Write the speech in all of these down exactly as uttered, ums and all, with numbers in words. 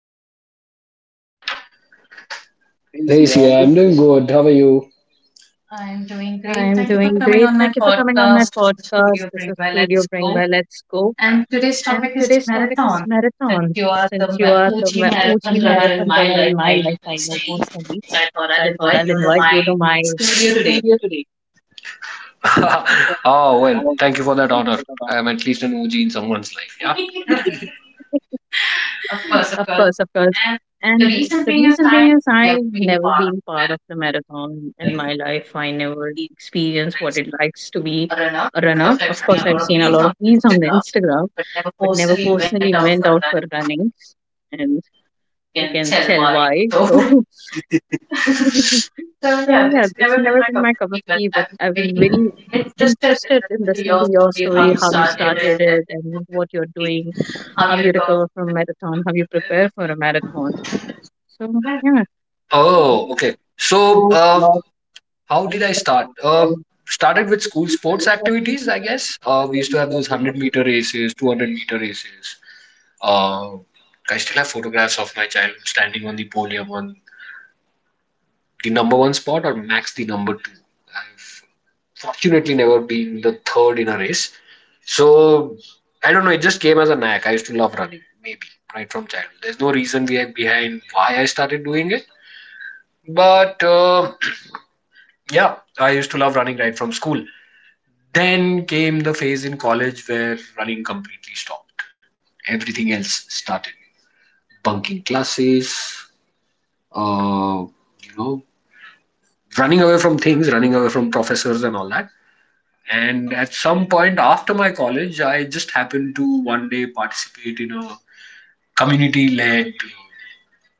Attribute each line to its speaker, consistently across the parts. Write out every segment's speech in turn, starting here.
Speaker 1: Hi, Chris. How are you doing today?
Speaker 2: Hey, Sia, I'm doing good. How are you?
Speaker 1: I'm doing great. Thank you for coming on my podcast. This is Studio Bring by Let's Go. And today's topic is marathon. Since you are the ma- O G marathon runner in my life, I know personally. So I thought I'll invite you to my studio today.
Speaker 2: Oh, well, thank you for that honor. I am at least an O G in someone's life, yeah?
Speaker 1: Of course, of course. And the reason being is I've never been part of the marathon in my life. I never experienced what it likes to be a runner. Of course, I've seen a lot of reels on the Instagram, but never personally went out for running. And you can tell why. So, so yeah, it's never been my cup of tea, but I'm very interested in listening to your story, how you started it and what you're doing, how you recover from marathon, how you prepare for a marathon. So yeah,
Speaker 2: Oh, okay. So, uh, how did I start? Uh, started with school sports activities, I guess. Uh, we used to have those 100 meter races, 200 meter races. Uh, I still have photographs of my child standing on the podium on the number one spot or max the number two. Fortunately never been the third in a race. So I don't know. It just came as a knack. I used to love running, maybe right from childhood. There's no reason behind why I started doing it, but uh, yeah, I used to love running right from school. Then came the phase in college where running completely stopped. Everything else started bunking classes, uh, you know, running away from things, running away from professors and all that. And at some point after my college, I just happened to one day participate in a community led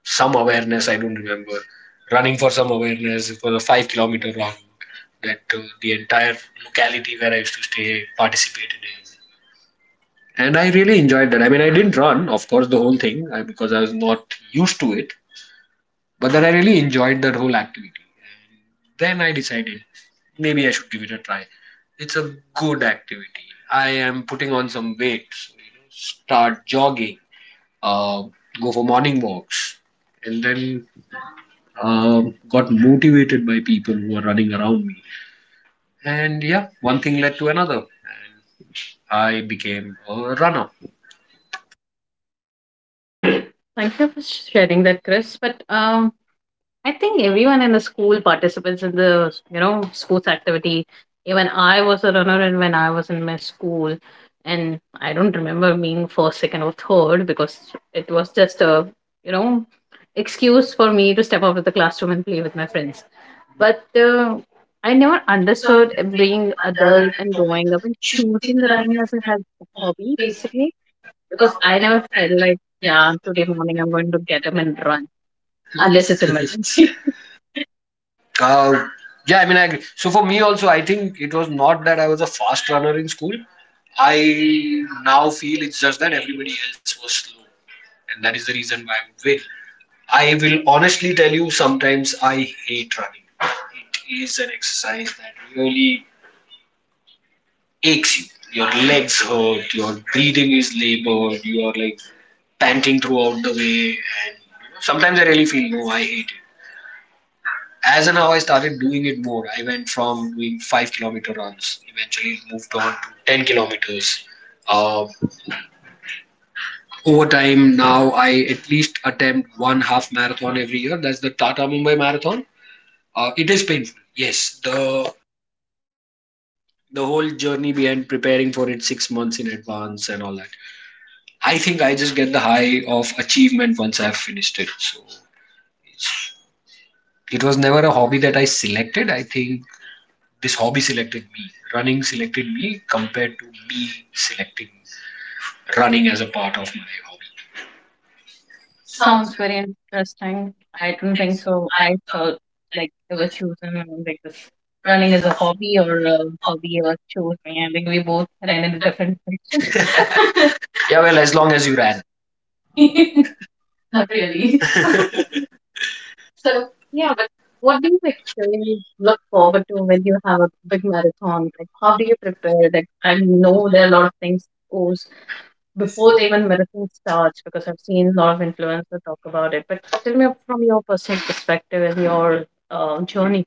Speaker 2: some awareness, I don't remember, running for some awareness for a five kilometer run that uh, the entire locality where I used to stay participated in. And I really enjoyed that. I mean, I didn't run, of course, the whole thing uh, because I was not used to it, but then I really enjoyed that whole activity. And then I decided maybe I should give it a try. It's a good activity. I am putting on some weight, so you know, start jogging, uh, go for morning walks, and then um, got motivated by people who were running around me. And yeah, one thing led to another. I became a runner.
Speaker 1: thank you for sharing that, Chris. But um, I think everyone in the school participates in the you know sports activity. Even I was a runner, and when I was in my school, and I don't remember being first, second, or third because it was just a you know excuse for me to step out of the classroom and play with my friends. But uh, I never understood being adult and growing up and choosing the running as a hab- hobby basically. Because I never felt like, yeah, today morning I'm going to get up and run unless it's
Speaker 2: Unless it's
Speaker 1: emergency.
Speaker 2: Uh, yeah, I mean, I, so for me also, I think it was not that I was a fast runner in school. I now feel it's just that everybody else was slow, and that is the reason why I'm I will honestly tell you, sometimes I hate running. It is an exercise that really aches you. Your legs hurt, your breathing is labored, you are like panting throughout the way, and sometimes I really feel no, I hate it. As and how I started doing it more, I went from doing five kilometer runs, eventually moved on to 10 kilometers. uh, Over time, now I at least attempt one half marathon every year. That's the Tata Mumbai Marathon. Uh, it is painful. Yes, the the whole journey behind preparing for it six months in advance and all that. I think I just get the high of achievement once I've finished it. So it was never a hobby that I selected. I think this hobby selected me. Running selected me compared to me selecting running as a part of my hobby.
Speaker 1: Sounds very interesting. I don't think so. I thought like it was chosen like this, running as a hobby or a hobby was chosen. I think we both ran in a different direction.
Speaker 2: Yeah, well, as long as you ran.
Speaker 1: Not really. So yeah, but what do you actually look forward to when you have a big marathon? Like how do you prepare? Like I know there are a lot of things goes before they even medicine starts because I've seen a lot of influencers talk about it. But tell me from your personal perspective and your um, journey.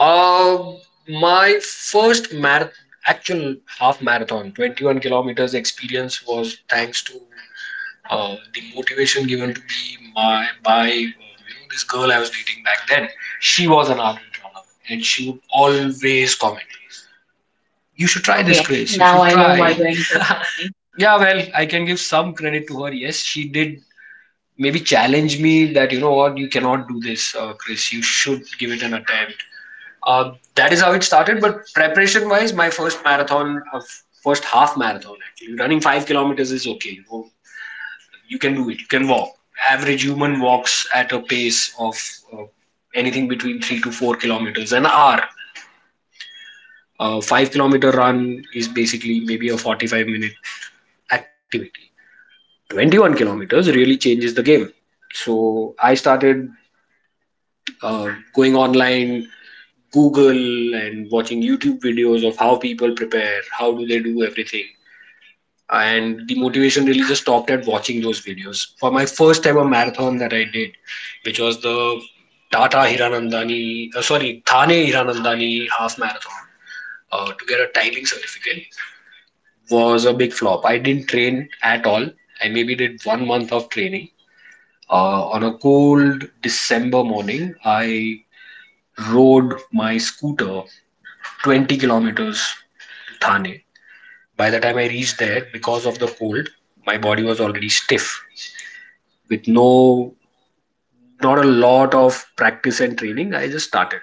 Speaker 2: Uh, my first marathon, actual half marathon, 21 kilometers experience was thanks to uh, the motivation given to me my, by uh, you know, this girl I was dating back then. She was an ardent runner, and she would always comment, "You should try this,
Speaker 1: Okay,
Speaker 2: Grace. You
Speaker 1: now
Speaker 2: should try."
Speaker 1: I know
Speaker 2: try."
Speaker 1: why you're into
Speaker 2: wanna
Speaker 1: therapy.
Speaker 2: Yeah, well, I can give some credit to her. Yes, she did maybe challenge me that you know what, you cannot do this, uh, Chris. You should give it an attempt. Uh, that is how it started. But preparation wise, my first marathon, uh, first half marathon actually, running five kilometers is okay. You, know, you can do it. You can walk. Average human walks at a pace of uh, anything between three to four kilometers an hour. A uh, five kilometer run is basically maybe a 45 minute activity. 21 kilometers really changes the game. So I started uh, going online, Google, and watching YouTube videos of how people prepare, how do they do everything. And the motivation really just stopped at watching those videos. For my first ever marathon that I did, which was the Tata Hiranandani, uh, sorry, Thane Hiranandani half marathon uh, to get a timing certificate, was a big flop. I didn't train at all. I maybe did one month of training. Uh, on a cold December morning, I rode my scooter 20 kilometers Thane. By the time I reached there, because of the cold, my body was already stiff. With no, not a lot of practice and training, I just started.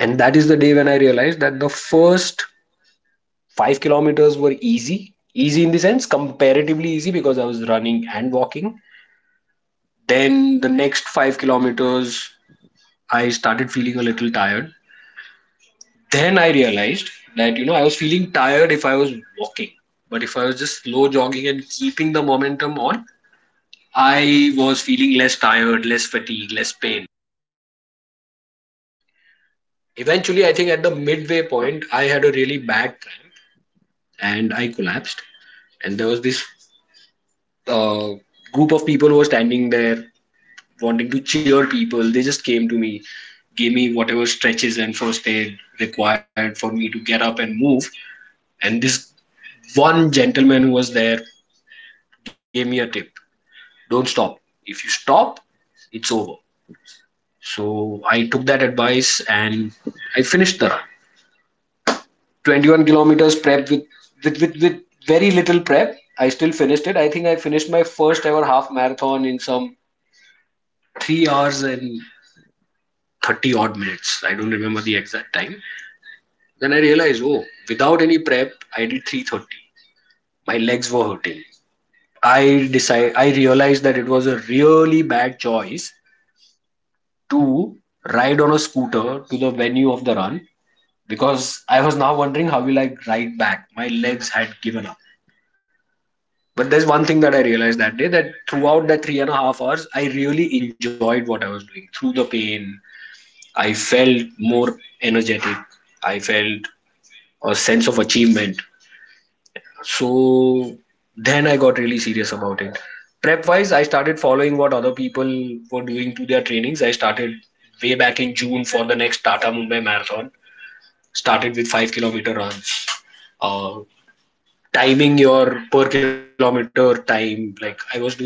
Speaker 2: And that is the day when I realized that the first five kilometers were easy. Easy in the sense, comparatively easy because I was running and walking. Then the next five kilometers, I started feeling a little tired. Then I realized that, you know, I was feeling tired if I was walking. But if I was just slow jogging and keeping the momentum on, I was feeling less tired, less fatigue, less pain. Eventually, I think at the midway point, I had a really bad cramp and I collapsed. And there was this uh, group of people who were standing there wanting to cheer people. They just came to me, gave me whatever stretches and first aid required for me to get up and move. And this one gentleman who was there gave me a tip: don't stop. If you stop, it's over. So I took that advice and I finished the run. twenty-one kilometers prep with with with, with very little prep. I still finished it. I think I finished my first ever half marathon in some three hours and thirty odd minutes. I don't remember the exact time. Then I realized, oh, without any prep, I did three thirty. My legs were hurting. I decide I realized that it was a really bad choice to ride on a scooter to the venue of the run because I was now wondering how will I ride back. My legs had given up. But there's one thing that I realized that day, that throughout that three and a half hours, I really enjoyed what I was doing. Through the pain, I felt more energetic. I felt a sense of achievement. So then I got really serious about it. Prep wise, I started following what other people were doing to their trainings. I started way back in June for the next Tata Mumbai Marathon. Started with five kilometer runs. Uh, timing your per kilometer time. Like I was doing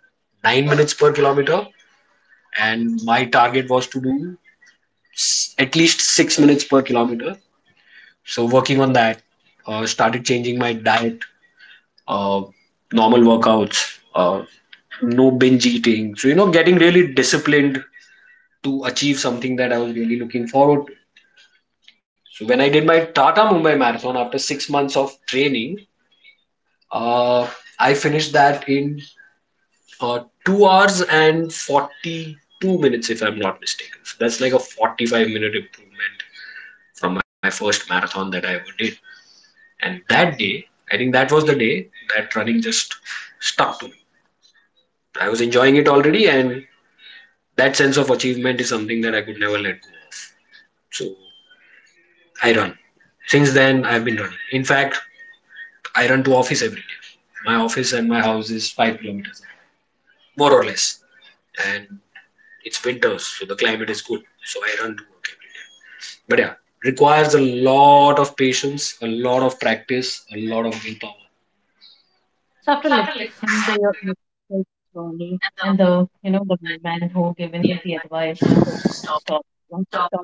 Speaker 2: nine minutes per kilometer, and my target was to do at least six minutes per kilometer. So working on that, uh, started changing my diet, uh, normal workouts, uh, no binge eating. So you know, getting really disciplined to achieve something that I was really looking forward to. So when I did my Tata Mumbai Marathon after six months of training, uh, I finished that in uh, two hours and forty-two minutes, if I'm not mistaken. So that's like a forty-five minute improvement from my first marathon that I ever did. And that day, I think that was the day that running just stuck to me. I was enjoying it already, and that sense of achievement is something that I could never let go of. So I run. Since then, I've been running. In fact, I run to office every day. My office and my house is five kilometers more or less. And it's winters, so the climate is good. So I run to work every day. But yeah, requires a lot of patience, a lot of practice, a lot of willpower.
Speaker 1: So after listening to your initial journey and the you know the man who given you the advice that oh, stop, once you stop,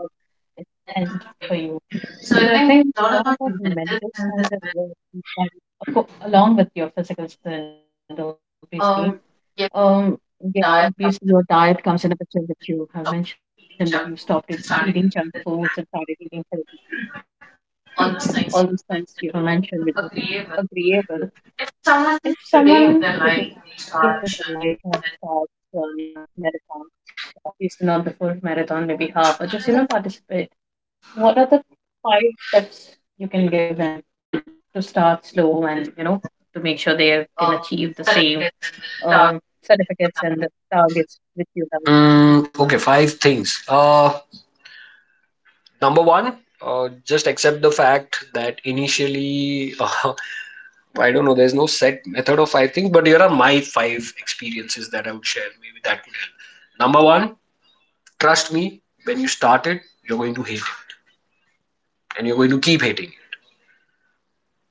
Speaker 1: it's end for you. So I think a lot of our mental strength as well, is, like, along with your physical strength, obviously. Um, yes, obviously your diet comes in a picture that you have mentioned that you stopped it- eating junk foods and started eating healthy. All these things you have mentioned, which is agreeable. If someone today in their life wants to start journey of marathon, obviously not the full marathon, maybe half, or just you know participate. What are the five steps you can give them that, to start slow and you know to make sure they can achieve the same uh, certificates and the targets which you have?
Speaker 2: Mm, okay, five things. Uh, number one, uh, just accept the fact that initially, uh, I don't know, there's no set method of five things, but here are my five experiences that I would share. Maybe that would help. Number one, trust me, when you start it, you're going to hate it and you're going to keep hating it.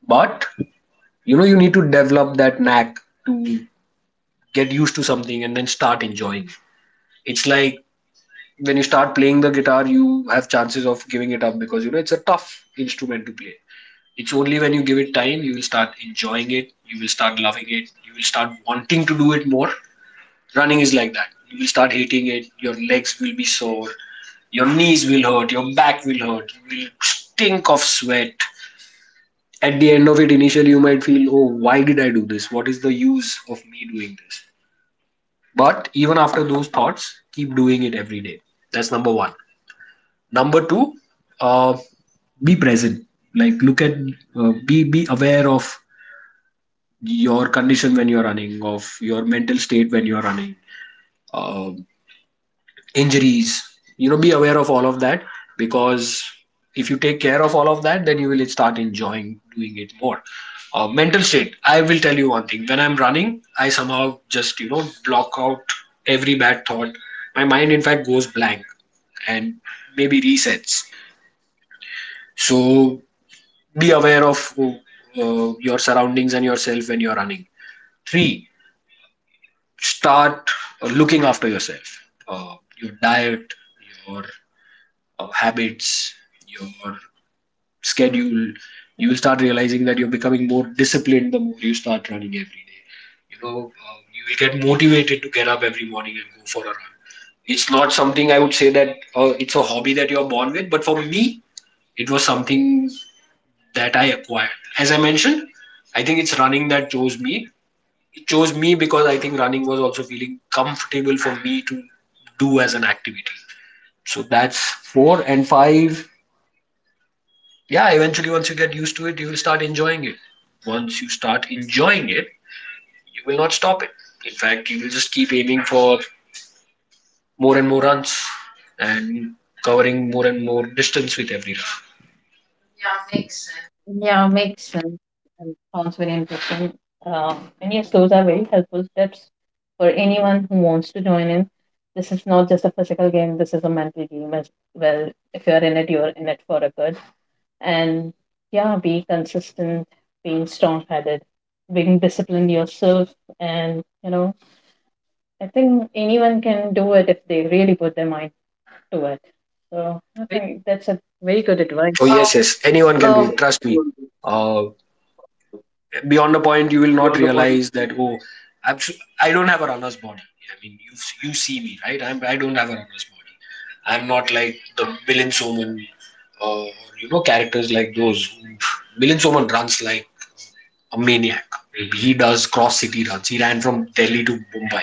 Speaker 2: But you know, you need to develop that knack to get used to something and then start enjoying it. It's like when you start playing the guitar, you have chances of giving it up because you know it's a tough instrument to play. It's only when you give it time, you will start enjoying it. You will start loving it. You will start wanting to do it more. Running is like that. You will start hating it. Your legs will be sore, your knees will hurt, your back will hurt, you will stink of sweat at the end of it. Initially, you might feel, oh, why did I do this? What is the use of me doing this? But even after those thoughts, keep doing it every day. That's number one. Number two, uh, be present. Like look at, uh, be be aware of your condition when you're running, of your mental state when you're running, uh, injuries. You know, be aware of all of that because if you take care of all of that, then you will start enjoying doing it more. Uh, mental state. I will tell you one thing. When I'm running, I somehow just you know block out every bad thought. My mind, in fact, goes blank and maybe resets. So be aware of uh, uh, your surroundings and yourself when you're running. Three, start uh, looking after yourself, uh, your diet, your uh, habits, your schedule. You will start realizing that you're becoming more disciplined the more you start running every day. You know uh, you will get motivated to get up every morning and go for a run. It's not something I would say that uh, it's a hobby that you're born with, but for me, it was something that I acquired. As I mentioned, I think it's running that chose me. It chose me because I think running was also feeling comfortable for me to do as an activity. So that's four and five. Yeah, eventually, once you get used to it, you will start enjoying it. Once you start enjoying it, you will not stop it. In fact, you will just keep aiming for more and more runs and covering more and more distance with every run.
Speaker 1: Yeah, makes sense. And sounds very interesting. Um, and yes, those are very helpful steps for anyone who wants to join in. This is not just a physical game, this is a mental game as well. If you're in it, you're in it for a good. And yeah, be consistent, being strong headed, being disciplined yourself. And, you know, I think anyone can do it if they really put their mind to it. So I think that's a very good
Speaker 2: Oh, yes,
Speaker 1: advice.
Speaker 2: yes. Anyone can do it.
Speaker 1: Oh,
Speaker 2: Trust me. Uh, Beyond a point you will not realize that, oh, I'm su- I don't have a runner's body. I mean, you you see me, right. I'm I don't have a runner's body. I'm not like the villain Soman, or, you know, characters like those. Villain Soman runs like a maniac. He does cross city runs. He ran from Delhi to Mumbai.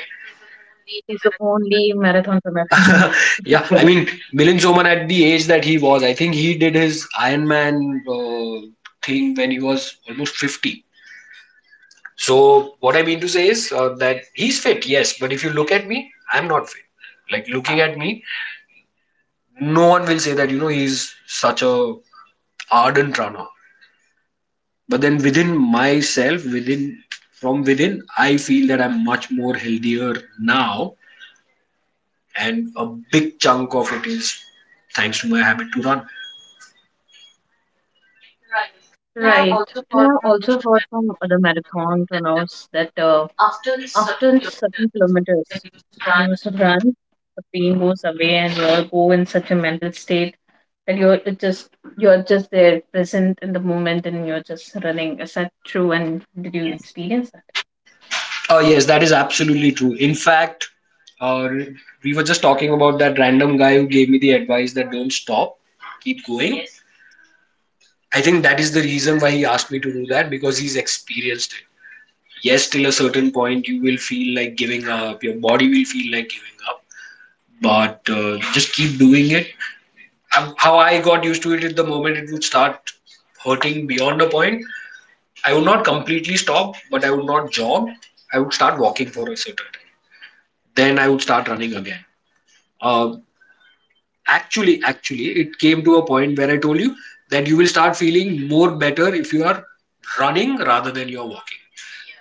Speaker 1: is the only marathon runner.
Speaker 2: Yeah,
Speaker 1: I
Speaker 2: I
Speaker 1: know.
Speaker 2: mean, Milan Soman, at the age that he was, I think he did his Iron Man uh, thing when he was almost fifty. So what I mean to say is, uh, that he's fit, yes, but if you look at me, I'm not fit. Like, looking at me, no one will say that, you know, he's such a ardent runner. But then within myself, within from within, I feel that I'm much more healthier now, and a big chunk of it is thanks to my habit to run.
Speaker 1: Right. And I've also heard from other marathon runners that uh, after certain kilometers, when you used to run, the pain goes away and you go in such a mental state that you're it just you're just there, present in the moment, and you're just running. Is that true? And did you experience that?
Speaker 2: Uh, yes, that is absolutely true. In fact, uh, we were just talking about that random guy who gave me the advice that don't stop, keep going.
Speaker 1: Yes.
Speaker 2: I think that is the reason why he asked me to do that, because he's experienced it. Yes, till a certain point, you will feel like giving up, your body will feel like giving up, but uh, just keep doing it. Um, How I got used to it, at the moment it would start hurting beyond a point. I would not completely stop, but I would not jog. I would start walking for a certain time. Then I would start running again. Uh, actually, actually, it came to a point where I told you that you will start feeling more better if you are running rather than you're walking.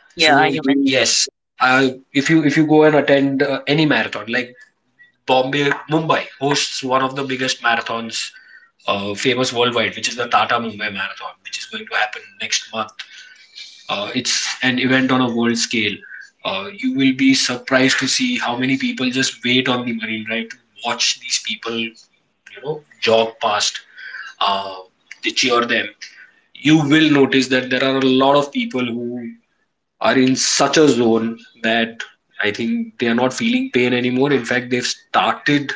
Speaker 1: Yeah,
Speaker 2: So
Speaker 1: you mentioned
Speaker 2: yes. Uh, if you if you go and attend uh, any marathon, like Bombay, Mumbai hosts one of the biggest marathons, uh, famous worldwide, which is the Tata Mumbai Marathon, which is going to happen next month. Uh, it's an event on a world scale. Uh, you will be surprised to see how many people just wait on the Marine Drive to watch these people, you know, jog past. Uh, they cheer them. You will notice that there are a lot of people who are in such a zone that I think they are not feeling pain anymore. In fact, they've started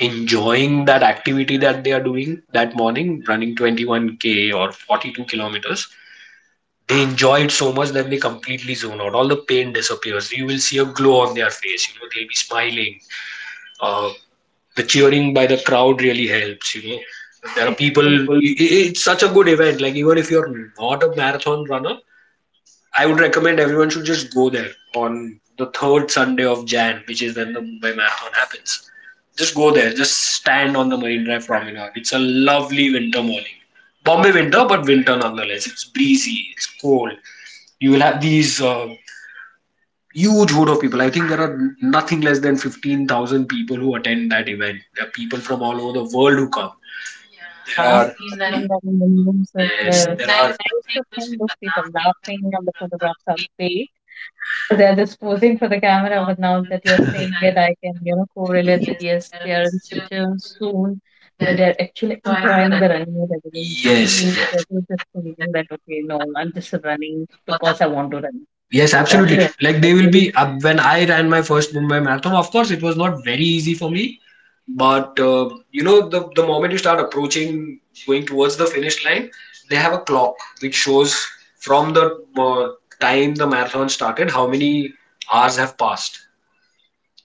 Speaker 2: enjoying that activity that they are doing that morning, running twenty-one k or forty-two kilometers. They enjoy it so much that they completely zone out. All the pain disappears. You will see a glow on their face. You know, they'll be smiling. Uh, the cheering by the crowd really helps. You know, there are people.
Speaker 1: that.
Speaker 2: It's such a good event. Like, even if you're not a marathon runner, I would recommend everyone should just go there on the third Sunday of Jan, which is when the Mumbai Marathon happens. Just go there. Just stand on the Marine Drive promenade. It's a lovely winter morning. Bombay winter, but winter nonetheless. It's breezy. It's cold. You will have these uh, huge hood of people. I think there are nothing less than fifteen thousand people who attend that event. There are people from all over the world who come. Yeah.
Speaker 1: Yeah, I have
Speaker 2: There
Speaker 1: seen
Speaker 2: are
Speaker 1: that in the news as
Speaker 2: Yes,
Speaker 1: well.
Speaker 2: there
Speaker 1: Yes.
Speaker 2: are,
Speaker 1: I used to think those people laughing on the photographs are fake. They're just posing for the camera, but now that you're saying it, I can, you know, correlate that yes, they are in such a zone where they're actually enjoying the running rather than
Speaker 2: yes,
Speaker 1: me. They're
Speaker 2: yes.
Speaker 1: just thinking that okay, no, I'm just running because I want to run.
Speaker 2: Yes, absolutely. Like, they will be up when I ran my first Mumbai marathon. Of course, it was not very easy for me, but uh, you know, the the moment you start approaching, going towards the finish line, they have a clock which shows from the uh, time the marathon started how many hours have passed.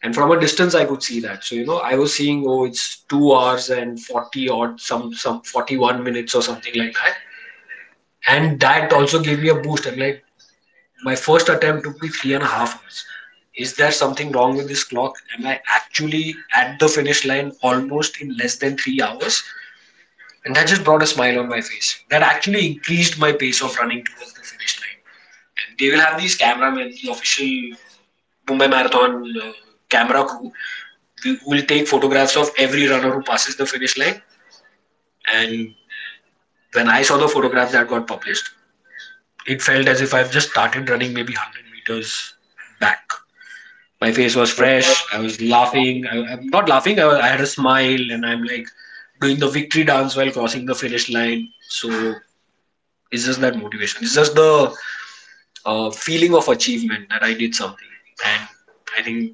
Speaker 2: And from a distance, I could see that. So, you know, I was seeing, oh, it's two hours and forty odd, some some forty one minutes or something like that. And that also gave me a boost. I'm like, my first attempt took me three and a half hours. Is there something wrong with this clock? Am I actually at the finish line almost in less than three hours? And that just brought a smile on my face. That actually increased my pace of running towards the finish line. And they will have these cameramen, the official Mumbai Marathon uh, camera crew, who will take photographs of every runner who passes the finish line. And when I saw the photographs that got published, it felt as if I've just started running maybe one hundred meters back. My face was fresh. I was laughing. I, I'm not laughing. I, I had a smile, and I'm like doing the victory dance while crossing the finish line. So it's just that motivation. It's just the uh, feeling of achievement that I did something, and I think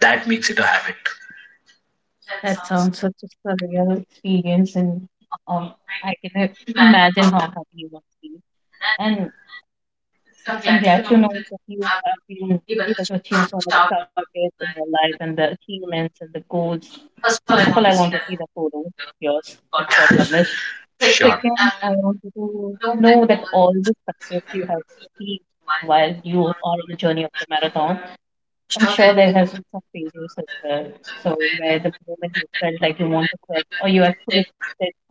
Speaker 2: that makes it a habit.
Speaker 1: That sounds such a real experience, and um, I can imagine how happy you must be. And I'm glad to know that you have been able to achieve so much targets in your life and the achievements and the goals. First of all, I want to see the photo of yours that got published.
Speaker 2: Sure.
Speaker 1: Second, I want to know that all the success you have achieved while you are on the journey of the marathon. I'm sure there has been some failures as well. So where the moment you felt like you want to quit or you actually said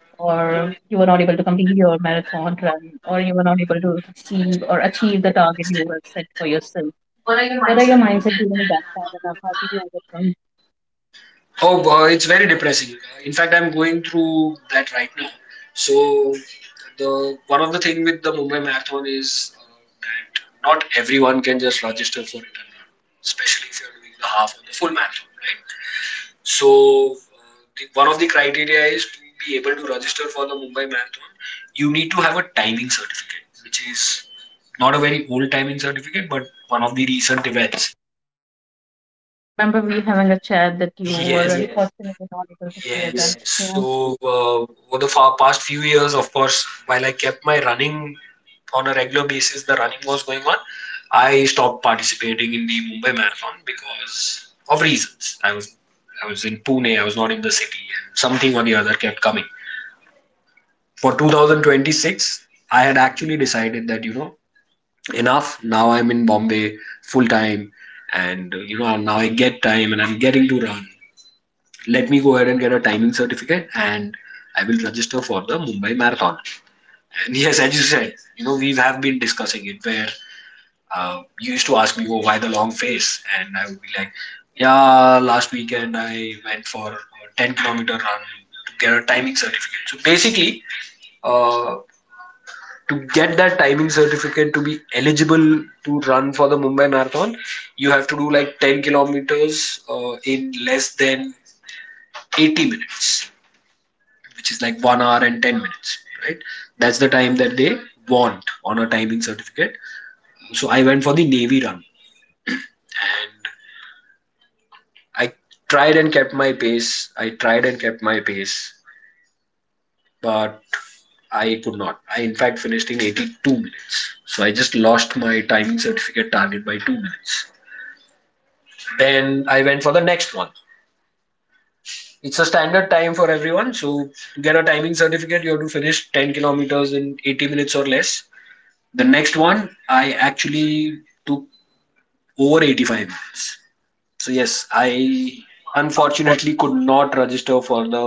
Speaker 1: or you were not able to complete your marathon run, or you were not able to achieve or achieve the target you were set for yourself. What are your mindset during that time and how did you overcome?
Speaker 2: Oh, uh, it's very depressing. In fact, I'm going through that right now. So, the one of the thing with the Mumbai Marathon is uh, that not everyone can just register for it and run, especially if you're doing the half or the full marathon, right? So, uh, the, one of the criteria is to be able to register for the Mumbai Marathon. You need to have a timing certificate, which is not a very old timing certificate, but one of the recent events.
Speaker 1: Yeah, I remember we having a chat that you were
Speaker 2: Yes.
Speaker 1: unfortunately not able to clear
Speaker 2: Yes.
Speaker 1: that. Yeah.
Speaker 2: So, uh, over the fa past few years, of course, while I kept my running on a regular basis, the running was going on. I stopped participating in the Mumbai Marathon because of reasons. I was I was in Pune, I was not in the city, and something or the other kept coming. For two thousand twenty-six, I had actually decided that, you know, enough. Now I'm in Bombay full time, and uh, you know, now I get time and I'm getting to run, let me go ahead and get a timing certificate and I will register for the Mumbai Marathon. And yes, as you said, you know, we have been discussing it where uh, you used to ask me, oh, why the long face? And I would be like, yeah, last weekend I went for a ten kilometer run to get a timing certificate. So basically, uh, to get that timing certificate to be eligible to run for the Mumbai Marathon, you have to do like ten kilometers uh, in less than eighty minutes, which is like one hour and ten minutes, right? That's the time that they want on a timing certificate. So I went for the navy run, and I tried and kept my pace i tried and kept my pace. But I could not. I, in fact, finished in eighty-two minutes. So I just lost my timing certificate target by two minutes. Then I went for the next one. It's a standard time for everyone. So to get a timing certificate you have to finish ten kilometers in eighty minutes or less. The next one, I actually took over eighty-five minutes. So yes, I
Speaker 1: Wow.
Speaker 2: unfortunately could not register for the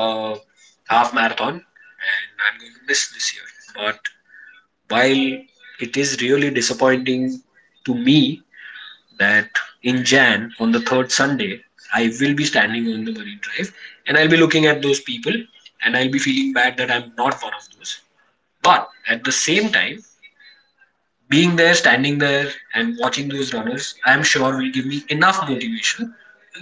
Speaker 2: uh, half marathon, and I'm going to miss this year. But while it is really disappointing to me that in Jan on the third Sunday, I will be standing on the Marine Drive, and I'll be looking at those people, and I'll be feeling bad that I'm not one of those. But at the same time, being there, standing there, and watching those runners, I'm sure will give me enough motivation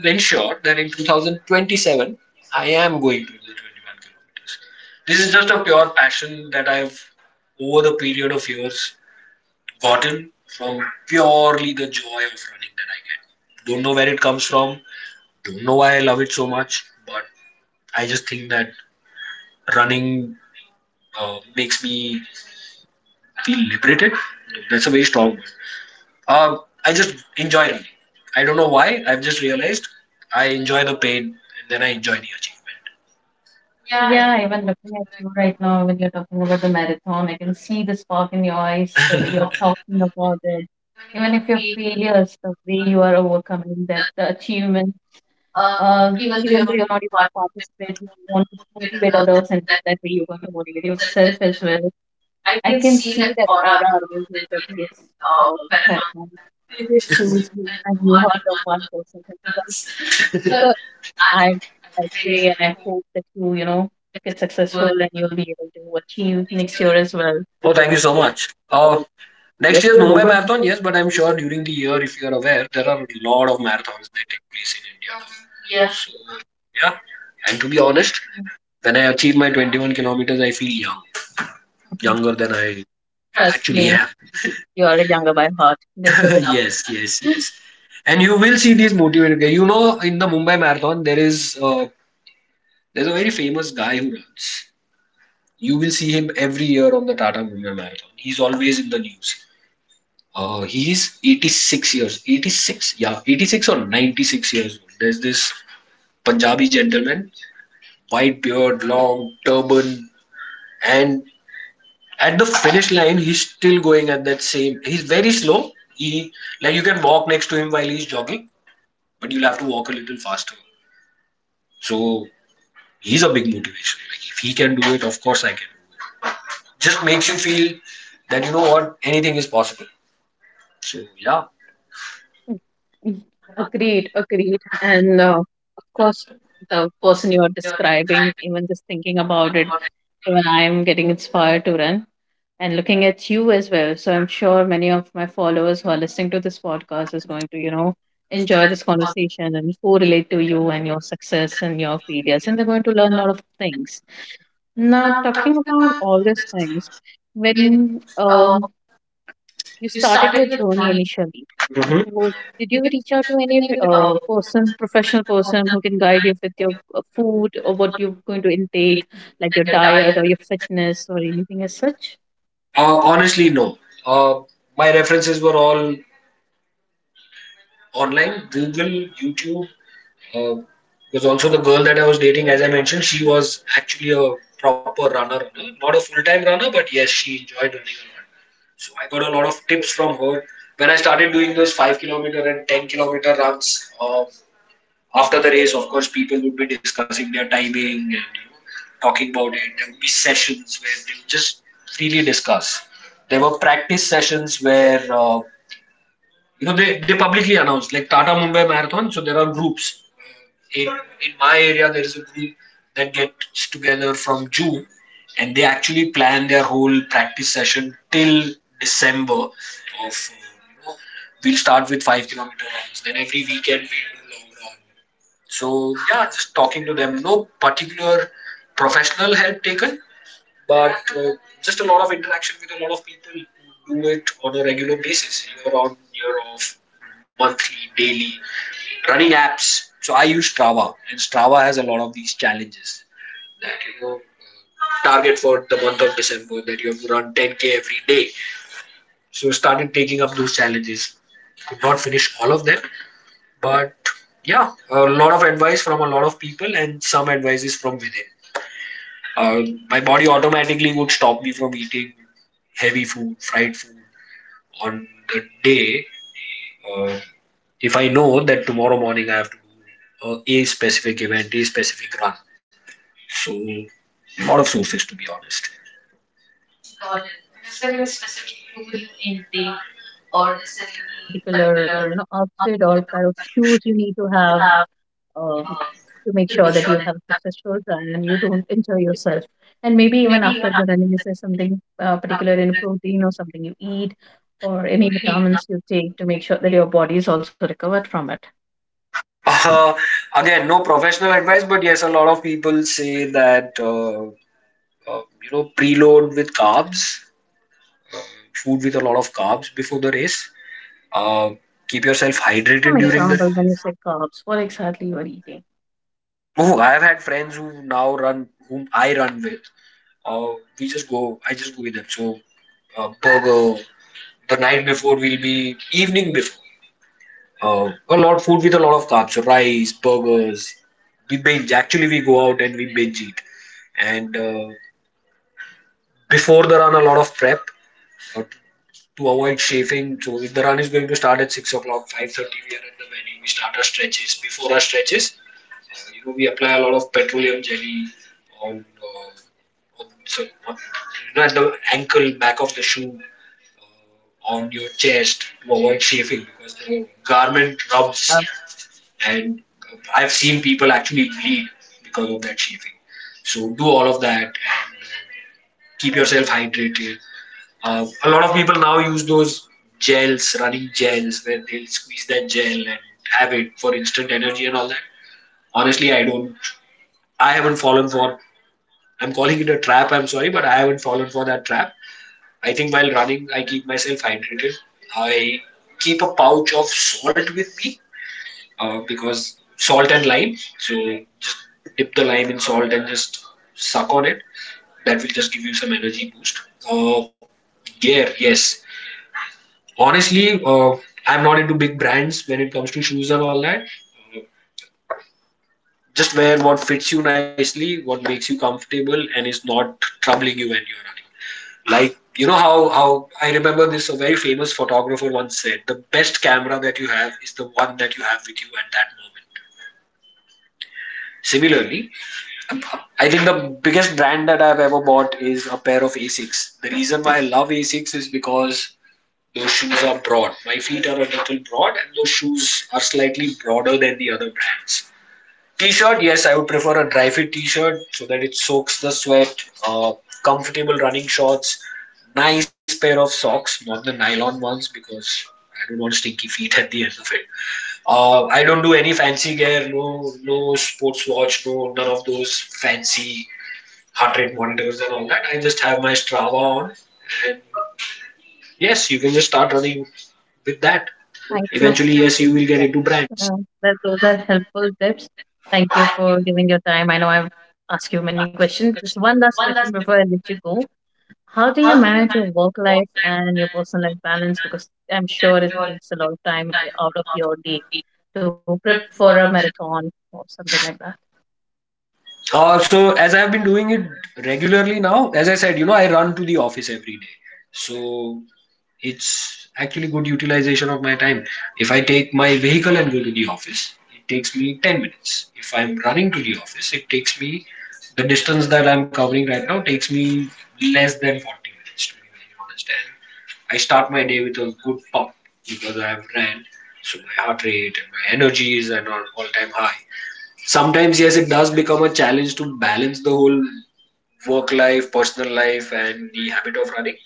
Speaker 2: to ensure that in two thousand twenty-seven, I am going to do the twenty-one kilometers. This is just a pure passion that I've, over the period of years, gotten from purely the joy of running that I get. Don't know where it comes from, don't know why I love it so much, but I just think that running uh, makes me feel liberated. That's a very strong word. Um, I just enjoy running. I don't know why. I've just realized I enjoy the pain, and then I enjoy the achievement.
Speaker 1: Yeah, even looking at you right now when you're talking about the marathon, I can see the spark in your eyes, the way you're talking about it. Even if you're failures, the way you are overcoming that, the achievement, uh, even though you're not able to participate, you want to motivate others, and that way you want to motivate yourself as well. I can see that aura around you that yes, uh, that one choose you, and you heard of one person from the others. So I, I pray and I hope that you, you know, get successful and you'll be able to achieve next year as well.
Speaker 2: Oh, thank you so much. Uh, next year's Mumbai Marathon, yes, but I'm sure during the year, if you're aware, there are a lot of marathons that take place in India.
Speaker 1: Yeah,
Speaker 2: Yeah. So, yeah. And to be honest, when I achieve my twenty-one kilometers, I feel young, younger than I
Speaker 1: trust
Speaker 2: actually
Speaker 1: me,
Speaker 2: am.
Speaker 1: you are younger by heart. This is enough.
Speaker 2: Yes, yes, yes. And you will see these motivated guys. You know, in the Mumbai Marathon, there is uh, there's a very famous guy who runs. You will see him every year on the Tata Mumbai Marathon. He's always in the news. Uh, he is eighty-six years, eighty-six, yeah, eighty-six or ninety-six years old. There's this Punjabi gentleman, white beard, long turban, and at the finish line, he's still going at that same. He's very slow. He like you can walk next to him while he's jogging, but you'll have to walk a little faster. So he's a big motivation. Like if he can do it, of course I can. Just makes you feel that, you know what, anything is possible. So yeah.
Speaker 1: Mm. Agreed, agreed. And uh, of course, the person you are describing, even just thinking about it, even I'm getting inspired to run and looking at you as well. So I'm sure many of my followers who are listening to this podcast is going to, you know, enjoy this conversation and correlate to you and your success and your failures. And they're going to learn a lot of things. Now, talking about all these things, when um, you started your journey initially,
Speaker 2: hmm
Speaker 1: so did you reach out to any uh, person, professional person who can guide you with your uh, food or what you're going to intake, like your diet or your fitness or anything as such?
Speaker 2: uh, Honestly, no. Uh, my references were all online, Google, YouTube. Uh, because also the girl that I was dating, as I mentioned, she was actually a proper runner, runner. Not a full-time runner, but yes, she enjoyed running a lot. So I got a lot of tips from her. When I started doing those five kilometer and ten kilometer runs, uh, after the race, of course, people would be discussing their timing, and you know, talking about it. There would be sessions where they would just freely discuss. There were practice sessions where uh, you know, they, they publicly announced like Tata Mumbai Marathon. So there are groups in in my area. There is a group that gets together from June, and they actually plan their whole practice session till December of uh, you know, we'll start with five kilometer runs, then every weekend we'll do long runs. So yeah, just talking to them. No particular professional help taken, but uh, just a lot of interaction with a lot of people who do it on a regular basis, year on, year off, monthly, daily, running apps. So I use Strava, and Strava has a lot of these challenges that, you know, target for the month of December that you have to run ten k every day. So started taking up those challenges. Could not finish all of them, but yeah, a lot of advice from a lot of people, and some advice is from within. Uh, my body automatically would stop me from eating heavy food, fried food on the day, uh, if I know that tomorrow morning I have to do uh, a specific event, a specific run. So, a lot of sources to be honest.
Speaker 1: Got it. And is there any specific food you intake, or is there any particular uh, you know outfit or pair of shoes you need to have? uh, to make sure that you have a successful run and you don't injure yourself. And maybe even after the running, is there something uh, particular in protein or something you eat or any vitamins you take to make sure that your body is also recovered from it?
Speaker 2: Uh, Again, no professional advice, but yes, a lot of people say that uh, uh, you know, preload with carbs, uh, food with a lot of carbs before the race. Uh, Keep yourself
Speaker 1: Give us
Speaker 2: hydrated
Speaker 1: some
Speaker 2: during the.
Speaker 1: example when you say carbs, what exactly you are eating.
Speaker 2: Oh, I have had friends who now run, whom I run with. Uh, we just go. I just go with them. So uh, burger the night before will be evening before. Uh, a lot food with a lot of carbs. So rice, burgers. We binge. Actually, we go out and we binge eat. And uh, Before the run, a lot of prep uh, to avoid chafing. So if the run is going to start at six o'clock, five thirty, we are at the venue. We start our stretches. Before our stretches, uh, you know, we apply a lot of petroleum jelly on, uh, on, so on, you know, at the ankle, back of the shoe, uh, on your chest to avoid chafing because the garment
Speaker 1: Yeah,
Speaker 2: rubs, and I've seen people actually bleed because of that chafing. So do all of that. Keep yourself hydrated. Uh, a lot of people now use those gels, running gels, where they'll squeeze that gel and have it for instant energy and all that. Honestly, I don't. I haven't fallen for I'm calling it a trap. I'm sorry, but I haven't fallen for that trap. I think while running, I keep myself hydrated. I keep a pouch of salt with me uh, because salt and lime. So just dip the lime in salt and just suck on it. That will just give you some energy boost. Uh, Gear, yes. Honestly, uh, I'm not into big brands when it comes to shoes and all that. Uh, Just wear what fits you nicely, what makes you comfortable, and is not troubling you when you're running. Like, you know, how how I remember this, a very famous photographer once said, the best camera that you have is the one that you have with you at that moment. Similarly, I think the biggest brand that I've ever bought is a pair of Asics. The reason why I love Asics is because those shoes are broad. My feet are a little broad, and those shoes are slightly broader than the other brands. T-shirt, yes, I would prefer a dry fit T-shirt so that it soaks the sweat. Uh, Comfortable running shorts, nice pair of socks, not the nylon ones because I don't want stinky feet at the end of it. Uh, I don't do any fancy gear, no, no sports watch, no none of those fancy heart rate monitors and all that. I just have my Strava on. Yes, you can just start running with that.
Speaker 1: thank you.
Speaker 2: Eventually, yes, you will get into brands.
Speaker 1: Yeah, that, those are helpful tips. Thank you for giving your time. I know I've asked you many questions. Just one last question before I let you go. How do you manage your work life and your personal life balance? Because I'm sure it takes a lot of time out of your day to prep for a marathon or something like that.
Speaker 2: Uh, so as I've been doing it regularly now, as I said, you know, I run to the office every day. So it's actually good utilization of my time. If I take my vehicle and go to the office, it takes me ten minutes. If I'm running to the office, it takes me the distance that I'm covering right now takes me less than forty minutes to be very honest. And I start my day with a good pump because I've ran. So my heart rate and my energies and all all time high. Sometimes, yes, it does become a challenge to balance the whole work life, personal life, and the habit of running.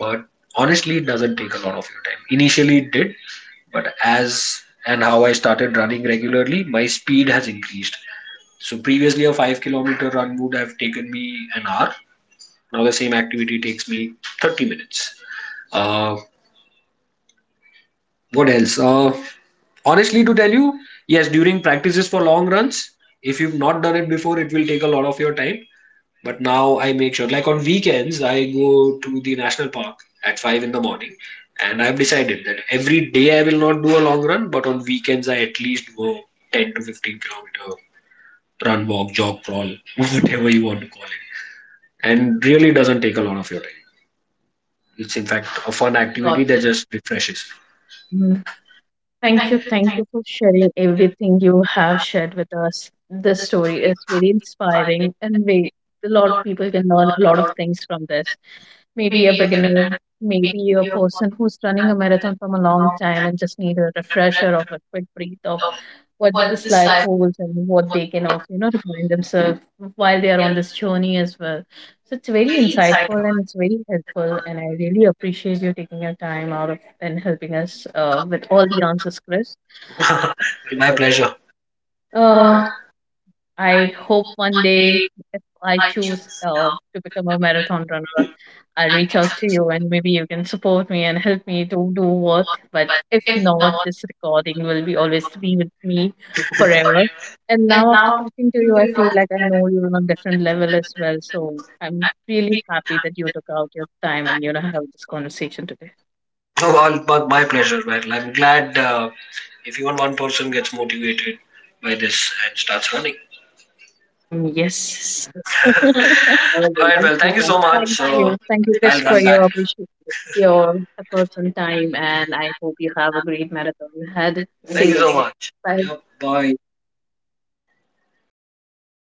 Speaker 2: But honestly, it doesn't take a lot of your time. Initially, it did, but as and how I started running regularly, my speed has increased. So previously, a five kilometer run would have taken me an hour. Now the same activity takes me thirty minutes. Uh, What else? Uh, honestly, to tell you, yes, during practices for long runs, if you've not done it before, it will take a lot of your time. But now I make sure, like on weekends, I go to the national park at five in the morning. And I've decided that every day I will not do a long run, but on weekends, I at least go ten to fifteen kilometer run, walk, jog, crawl, whatever you want to call it. And really doesn't take a lot of your time. It's in fact a fun
Speaker 1: Got
Speaker 2: activity
Speaker 1: it.
Speaker 2: that just refreshes.
Speaker 1: Mm. Thank you. Thank you for sharing everything you have shared with us. This story is very inspiring, and we, a lot of people can learn a lot of things from this. Maybe a beginner, maybe a person who's running a marathon from a long time and just need a refresher of a quick breathe of what this life holds and what they can also you know remind themselves while they are on this journey as well, so it's very insightful and it's very helpful and I really appreciate you taking your time out of and helping us uh, with all the answers, Chris.
Speaker 2: My pleasure.
Speaker 1: uh, I hope one day if I choose uh, to become a marathon runner I'll reach out to you and maybe you can support me and help me to do what. But if not, this recording will be always be with me forever. And now after talking to you, I feel like I know you on a different level as well. So I'm really happy that you took out your time and you know have this conversation today.
Speaker 2: Oh, all, but my pleasure, man. I'm glad uh, if even one person gets motivated by this and starts running.
Speaker 1: Mm, yes. All
Speaker 2: All
Speaker 1: the
Speaker 2: right,
Speaker 1: love
Speaker 2: well, thank you
Speaker 1: for.
Speaker 2: so much.
Speaker 1: Thank
Speaker 2: Uh,
Speaker 1: you. Thank you,
Speaker 2: I'll
Speaker 1: Chris,
Speaker 2: run
Speaker 1: for
Speaker 2: back. now.
Speaker 1: your appreciation, your efforts and time. And I hope you have a great marathon ahead. Thank Stay
Speaker 2: Thank you
Speaker 1: you.
Speaker 2: so
Speaker 1: Safe.
Speaker 2: much.
Speaker 1: Bye.
Speaker 2: Yep, bye.